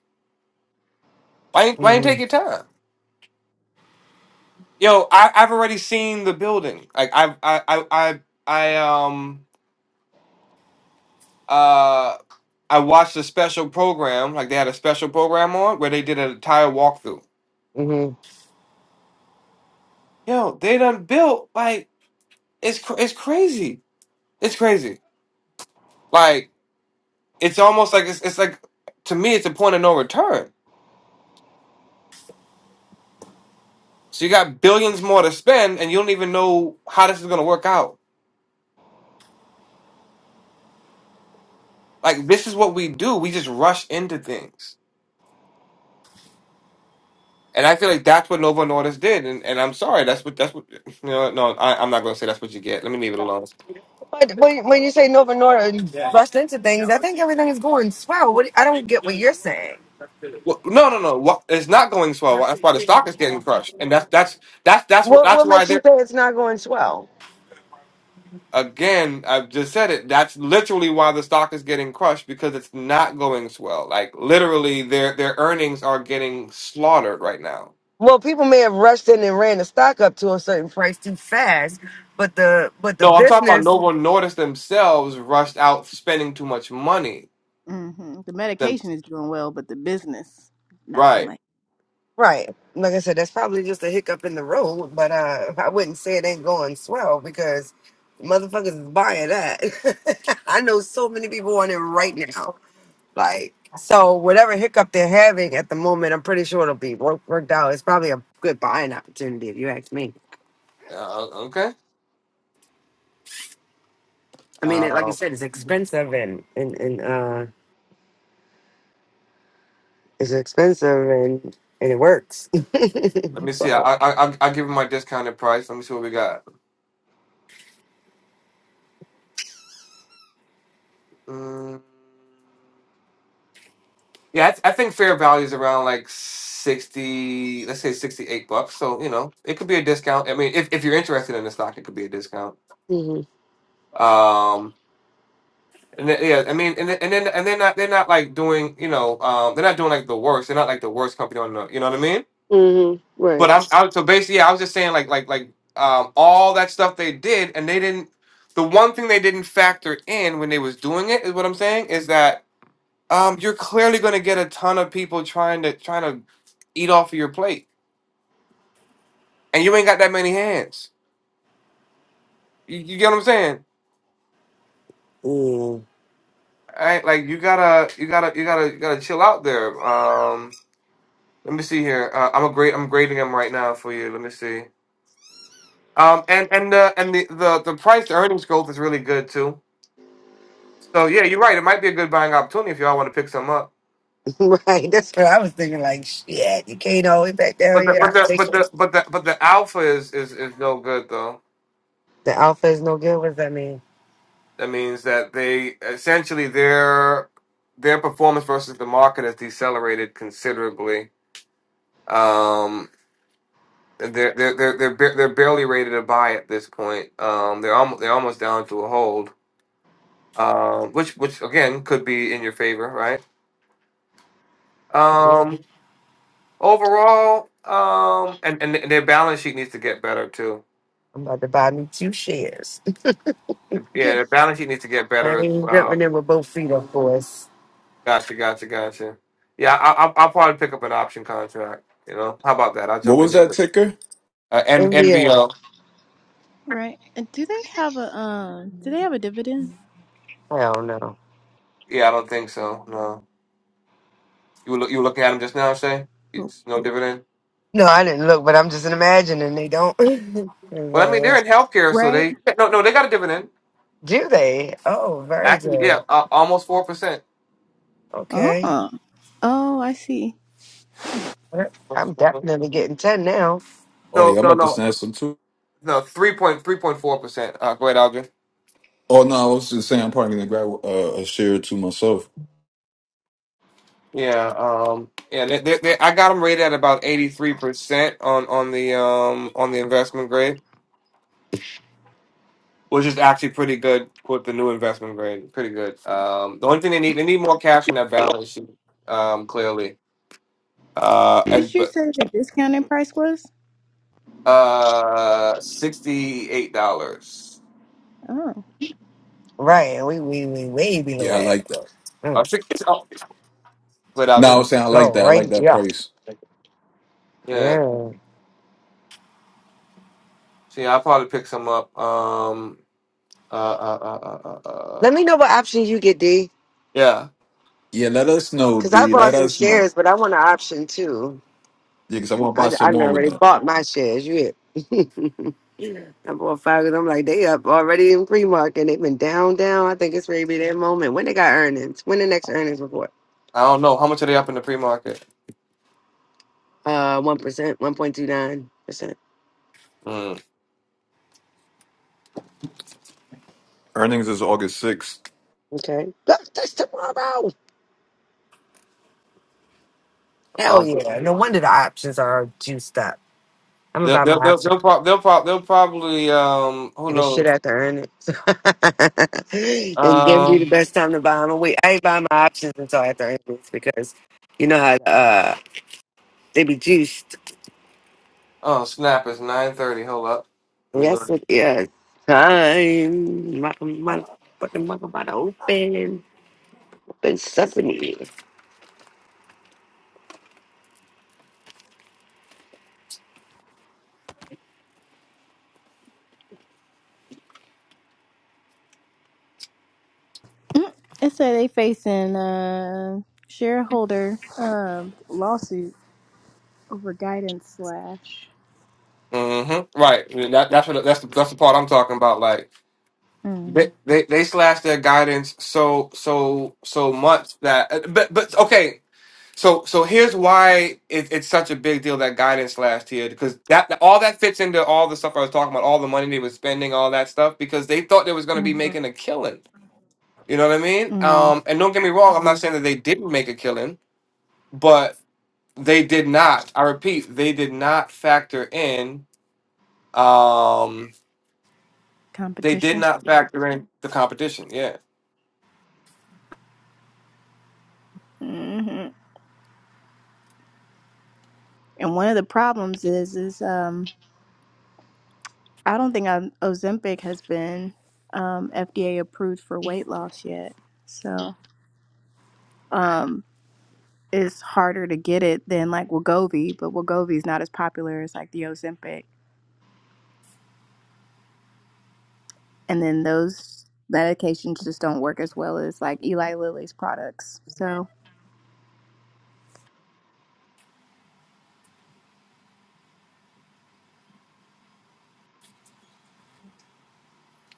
Speaker 1: Why ain't why ain't
Speaker 3: hmm
Speaker 1: take your time? Yo, I, I've already seen the building. Like I I I I, I um. uh. I watched a special program, like they had a special program on where they did an entire walkthrough.
Speaker 3: hmm
Speaker 1: Yo, they done built like it's cr- it's crazy. It's crazy. Like it's almost like it's it's like to me it's a point of no return. So you got billions more to spend, and you don't even know how this is gonna work out. Like this is what we do. We just rush into things, and I feel like that's what Nova Nordis did. And, and I'm sorry, that's what that's what *laughs* you know. No, I, I'm not gonna say that's what you get. Let me leave it alone.
Speaker 3: But when, when you say Nova Norton rushed into things, I think everything is going swell. What I don't get what you're saying.
Speaker 1: Well, no, no, no. Wha- It's not going swell. That's why the stock is getting crushed, and that's that's that's that's wh-
Speaker 3: What
Speaker 1: that's
Speaker 3: what
Speaker 1: why
Speaker 3: makes you
Speaker 1: they're
Speaker 3: say it's not going swell?
Speaker 1: again. I've just said it. That's literally why the stock is getting crushed because it's not going swell. Like literally, their their earnings are getting slaughtered right now.
Speaker 3: Well, people may have rushed in and ran the stock up to a certain price too fast, but the but the
Speaker 1: No, I'm talking about
Speaker 3: business,
Speaker 1: Novo Nordisk themselves rushed out spending too much money.
Speaker 5: *laughs* The
Speaker 1: Them-
Speaker 5: medication is doing well, but the business, not so
Speaker 1: right?
Speaker 5: much.
Speaker 3: right? Like I said, that's probably just a hiccup in the road. But uh, I wouldn't say it ain't going swell because motherfuckers is buying that. *laughs* I know so many people on it right now. Like so, whatever hiccup they're having at the moment, I'm pretty sure it'll be work, worked out. It's probably a good buying opportunity if you ask me.
Speaker 1: Uh, okay.
Speaker 3: I mean, it, like you
Speaker 1: Uh,
Speaker 3: said, it's expensive and and and uh it's expensive and and it works.
Speaker 1: let
Speaker 3: *laughs*
Speaker 1: me see. I
Speaker 3: so
Speaker 1: I I I'll give them my discounted price. Let me see what we got. Mm. Yeah, I, th- I think fair value is around like sixty, let's say sixty-eight bucks. So you know, it could be a discount. I mean, if, if you're interested in the stock, it could be a discount.
Speaker 3: hmm
Speaker 1: Um, and then, yeah, I mean, and then, and then and they're not they're not like doing you know um they're not doing like the worst. They're not like the worst company on the you know what I mean.
Speaker 3: hmm Right.
Speaker 1: But I'm I, so basically, yeah, I was just saying like like like um all that stuff they did, and they didn't. The one thing they didn't factor in when they was doing it is what I'm saying is that um, you're clearly going to get a ton of people trying to trying to eat off of your plate, and you ain't got that many hands. You, you get what I'm saying?
Speaker 3: yeah.
Speaker 1: Right? Like you gotta, you gotta, you gotta, you gotta chill out there. Um, let me see here. Uh, I'm a great. I'm grading them right now for you. Let me see. Um, and and the and the the, the price to earnings growth is really good too. So yeah, you're right. It might be a good buying opportunity if y'all want to pick some up.
Speaker 3: *laughs* right, that's what I was thinking. Like shit, you can't always back down
Speaker 1: But the
Speaker 3: here.
Speaker 1: but
Speaker 3: I
Speaker 1: the
Speaker 3: take
Speaker 1: but the
Speaker 3: it.
Speaker 1: but the but the alpha is is is no good though.
Speaker 3: The alpha is no good. What does that mean?
Speaker 1: That means that they essentially their their performance versus the market has decelerated considerably. Um, they're they're they're they're, ba- they're barely rated a buy at this point. Um, they're almost they're almost down to a hold. Um, which which again could be in your favor, right?
Speaker 3: Mhm.
Speaker 1: Um, overall, um, and and their balance sheet needs to get better too.
Speaker 3: I'm about to buy me two shares. *laughs*
Speaker 1: Yeah,
Speaker 3: Shit.
Speaker 1: their balance sheet needs to get
Speaker 3: I
Speaker 1: better as
Speaker 3: ain't jumping
Speaker 1: well.
Speaker 3: in with both feet, of course.
Speaker 1: Gotcha, gotcha, gotcha. Yeah, I, I'll, I'll probably pick up an option contract. You know, how about that? I'll
Speaker 4: What
Speaker 1: jump in
Speaker 4: was that
Speaker 1: there.
Speaker 4: ticker?
Speaker 1: Uh, N-
Speaker 3: And yeah,
Speaker 1: NVO.
Speaker 5: Right. And do they have a um do they have a dividend?
Speaker 3: hell no.
Speaker 1: Yeah, I don't think so. No, you were loo- you were looking at them just now, Shay. It's no dividend.
Speaker 3: No, I didn't look, but I'm just imagining they don't. *laughs* 'Cause,
Speaker 1: Well, I mean
Speaker 3: uh,
Speaker 1: they're in healthcare, so
Speaker 5: Right?
Speaker 1: they no no they got a dividend.
Speaker 3: do they? Oh, very
Speaker 1: Actually, yeah,
Speaker 3: good.
Speaker 1: uh, almost four percent.
Speaker 3: Okay.
Speaker 5: Oh, oh, I see.
Speaker 3: I'm definitely getting 10 now.
Speaker 4: Oh
Speaker 1: No
Speaker 4: yeah, I'm
Speaker 1: no
Speaker 4: about to
Speaker 1: no
Speaker 4: snatch some too.
Speaker 1: no three point three point four percent. Uh, go ahead, Algin.
Speaker 4: Oh no, I was just saying I'm probably gonna grab uh, a share or two myself.
Speaker 1: Yeah, um, yeah. They, they, they, I got them rated at about eighty three percent on on the um on the investment grade, which is actually pretty good with the new investment grade. Pretty good. Um, the only thing they need they need more cash on that balance sheet. Um, clearly. Uh,
Speaker 5: Did
Speaker 1: and,
Speaker 5: you
Speaker 1: but
Speaker 5: say the discounted price was?
Speaker 1: uh, sixty-eight dollars.
Speaker 5: Oh,
Speaker 3: Right. And We we we way below
Speaker 4: Yeah, I like
Speaker 3: that.
Speaker 4: that.
Speaker 3: Mm,
Speaker 1: Or Oh, but I
Speaker 4: No, I
Speaker 3: Let's
Speaker 1: didn't.
Speaker 4: was saying I like
Speaker 3: go
Speaker 4: that. I like
Speaker 3: right
Speaker 4: that
Speaker 3: up.
Speaker 4: price.
Speaker 1: Yeah.
Speaker 3: Yeah.
Speaker 1: See, I probably pick some up. Um. Uh. Uh. Uh. Uh. uh uh.
Speaker 3: Let me know what options you get, D.
Speaker 1: yeah.
Speaker 4: Yeah, let us know,
Speaker 3: Because I
Speaker 4: D.
Speaker 3: bought
Speaker 4: Let
Speaker 3: some
Speaker 4: us know.
Speaker 3: shares, but I want an option too.
Speaker 4: Yeah, because I want to
Speaker 3: I,
Speaker 4: buy
Speaker 3: I
Speaker 4: some
Speaker 3: done
Speaker 4: more with
Speaker 3: already
Speaker 4: that.
Speaker 3: bought my shares. You hear? *laughs* I bought five i I'm Like, they up already in pre market. They've been down, down. I think it's maybe their moment. When they got earnings? When the next earnings report?
Speaker 1: I don't know how much are they up in the pre-market.
Speaker 3: Uh, 1%, 1.29%.
Speaker 1: Mm.
Speaker 4: Earnings is August 6th.
Speaker 3: Okay. That's that's tomorrow. Hell yeah.
Speaker 1: Um.
Speaker 3: No wonder the options are juiced up. I'm
Speaker 1: They'll
Speaker 3: about my
Speaker 1: they'll they'll
Speaker 3: option.
Speaker 1: they'll, prob- they'll, prob- they'll probably um who
Speaker 3: Take a shit
Speaker 1: knows
Speaker 3: after earn it. *laughs* and then be the
Speaker 1: um
Speaker 3: best time to buy them. Wait, I ain't buying my options until after earnings because you know how uh they be juiced.
Speaker 1: oh snap it's nine thirty hold up let me go
Speaker 3: Yes, it is. Time. My, my, fucking mouth about to open. Open sesame.
Speaker 5: Mm. It said they facing uh shareholder um lawsuit over guidance slash.
Speaker 1: mm-hmm right that that's what that's the, that's the part I'm talking about like They, they they slashed their guidance so so so much that uh, but but okay so so here's why it, it's such a big deal that guidance slashed here because that all that fits into all the stuff I was talking about all the money they were spending all that stuff because they thought they was going to be
Speaker 5: hmm
Speaker 1: making a killing you know what I mean
Speaker 5: Mm,
Speaker 1: um and don't get me wrong I'm not saying that they didn't make a killing but they did not I repeat they did not factor in um they did
Speaker 5: competition.
Speaker 1: not factor in the competition yeah.
Speaker 5: hmm And one of the problems is, is um, I don't think i Ozempic has been um, FDA approved for weight loss yet. So um, it's harder to get it than like Wegovy, but Wegovy is not as popular as like the Ozempic. And then those medications just don't work as well as like Eli Lilly's products. So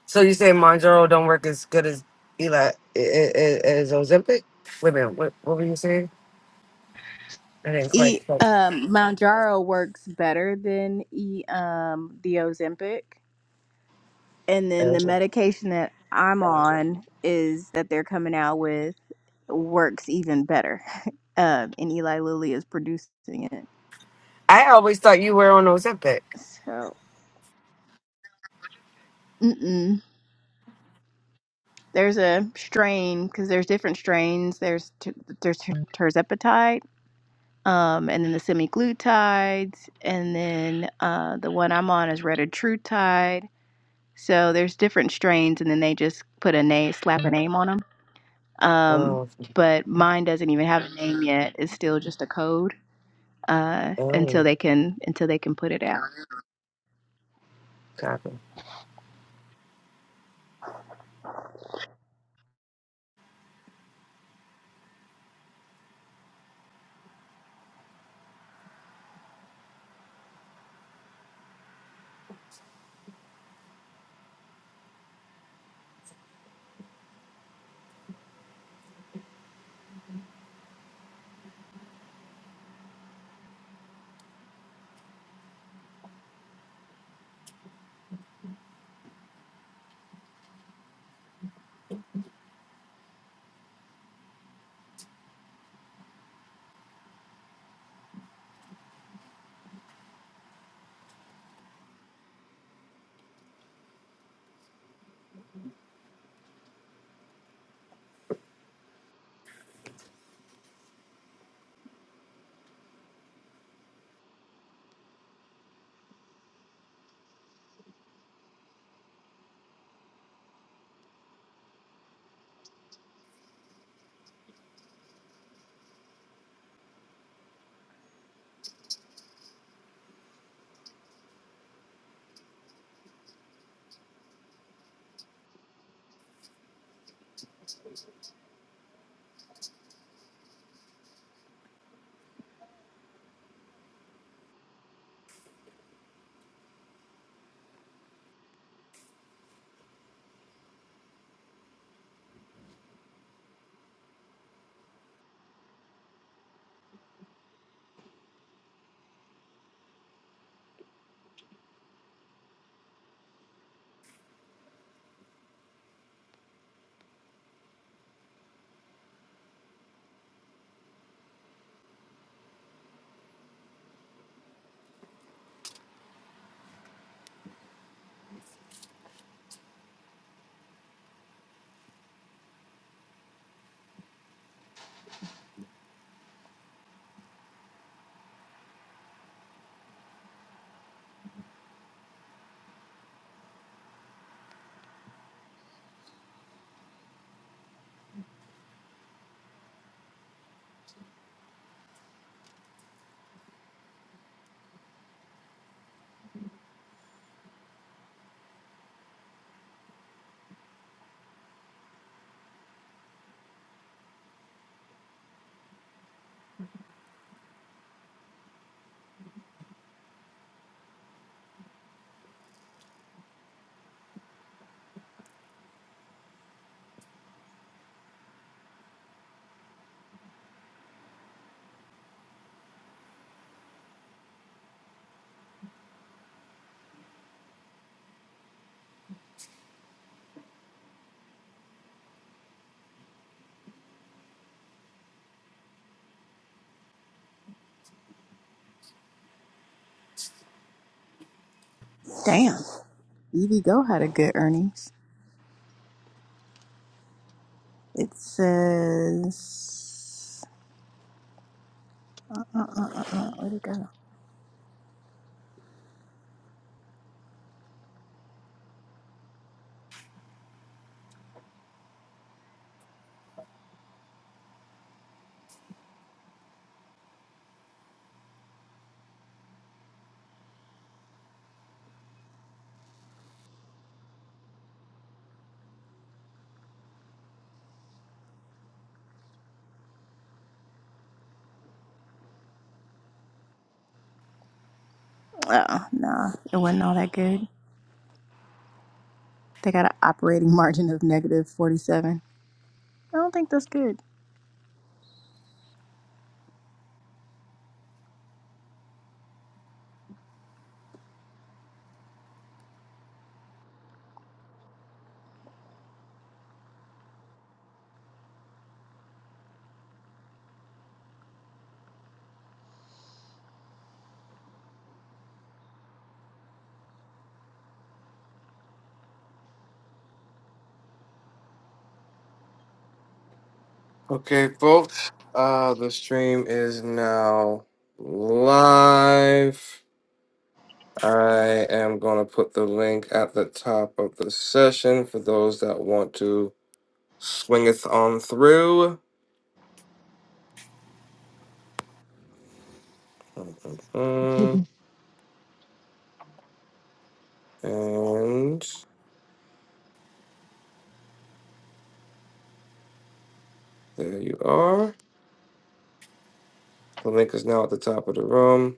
Speaker 3: So you say Monjaro don't work as good as Eli as as Ozempic? Wait a minute. What, what were you saying? I didn't quite
Speaker 5: e
Speaker 3: catch.
Speaker 5: um, Mounjaro works better than e um, the Ozempic and then the medication that I'm on is that they're coming out with works even better. Um, and Eli Lilly is producing it.
Speaker 3: I always thought you were on Ozempic.
Speaker 5: So, mm-mm. there's a strain because there's different strains. There's t- there's ter- terzepatide, um, and then the semiglutides, and then uh, the one I'm on is retatrutide. So there's different strains, and then they just put a name, slap a name on them. Um,
Speaker 3: Oh,
Speaker 5: but mine doesn't even have a name yet. It's still just a code uh, until
Speaker 3: oh,
Speaker 5: they can until they can put it out.
Speaker 3: God.
Speaker 5: Damn, EV Go had a good earnings. It says, uh, uh, uh, uh, where'd it go? Oh, no, it wasn't all that good. They got an operating *laughs* margin of negative 47. I don't think that's good.
Speaker 1: Okay, folks. Uh, the stream is now live. I am gonna put the link at the top of the session for those that want to swing it on through. Mm-mm-mm. And there you are. The link is now at the top of the room.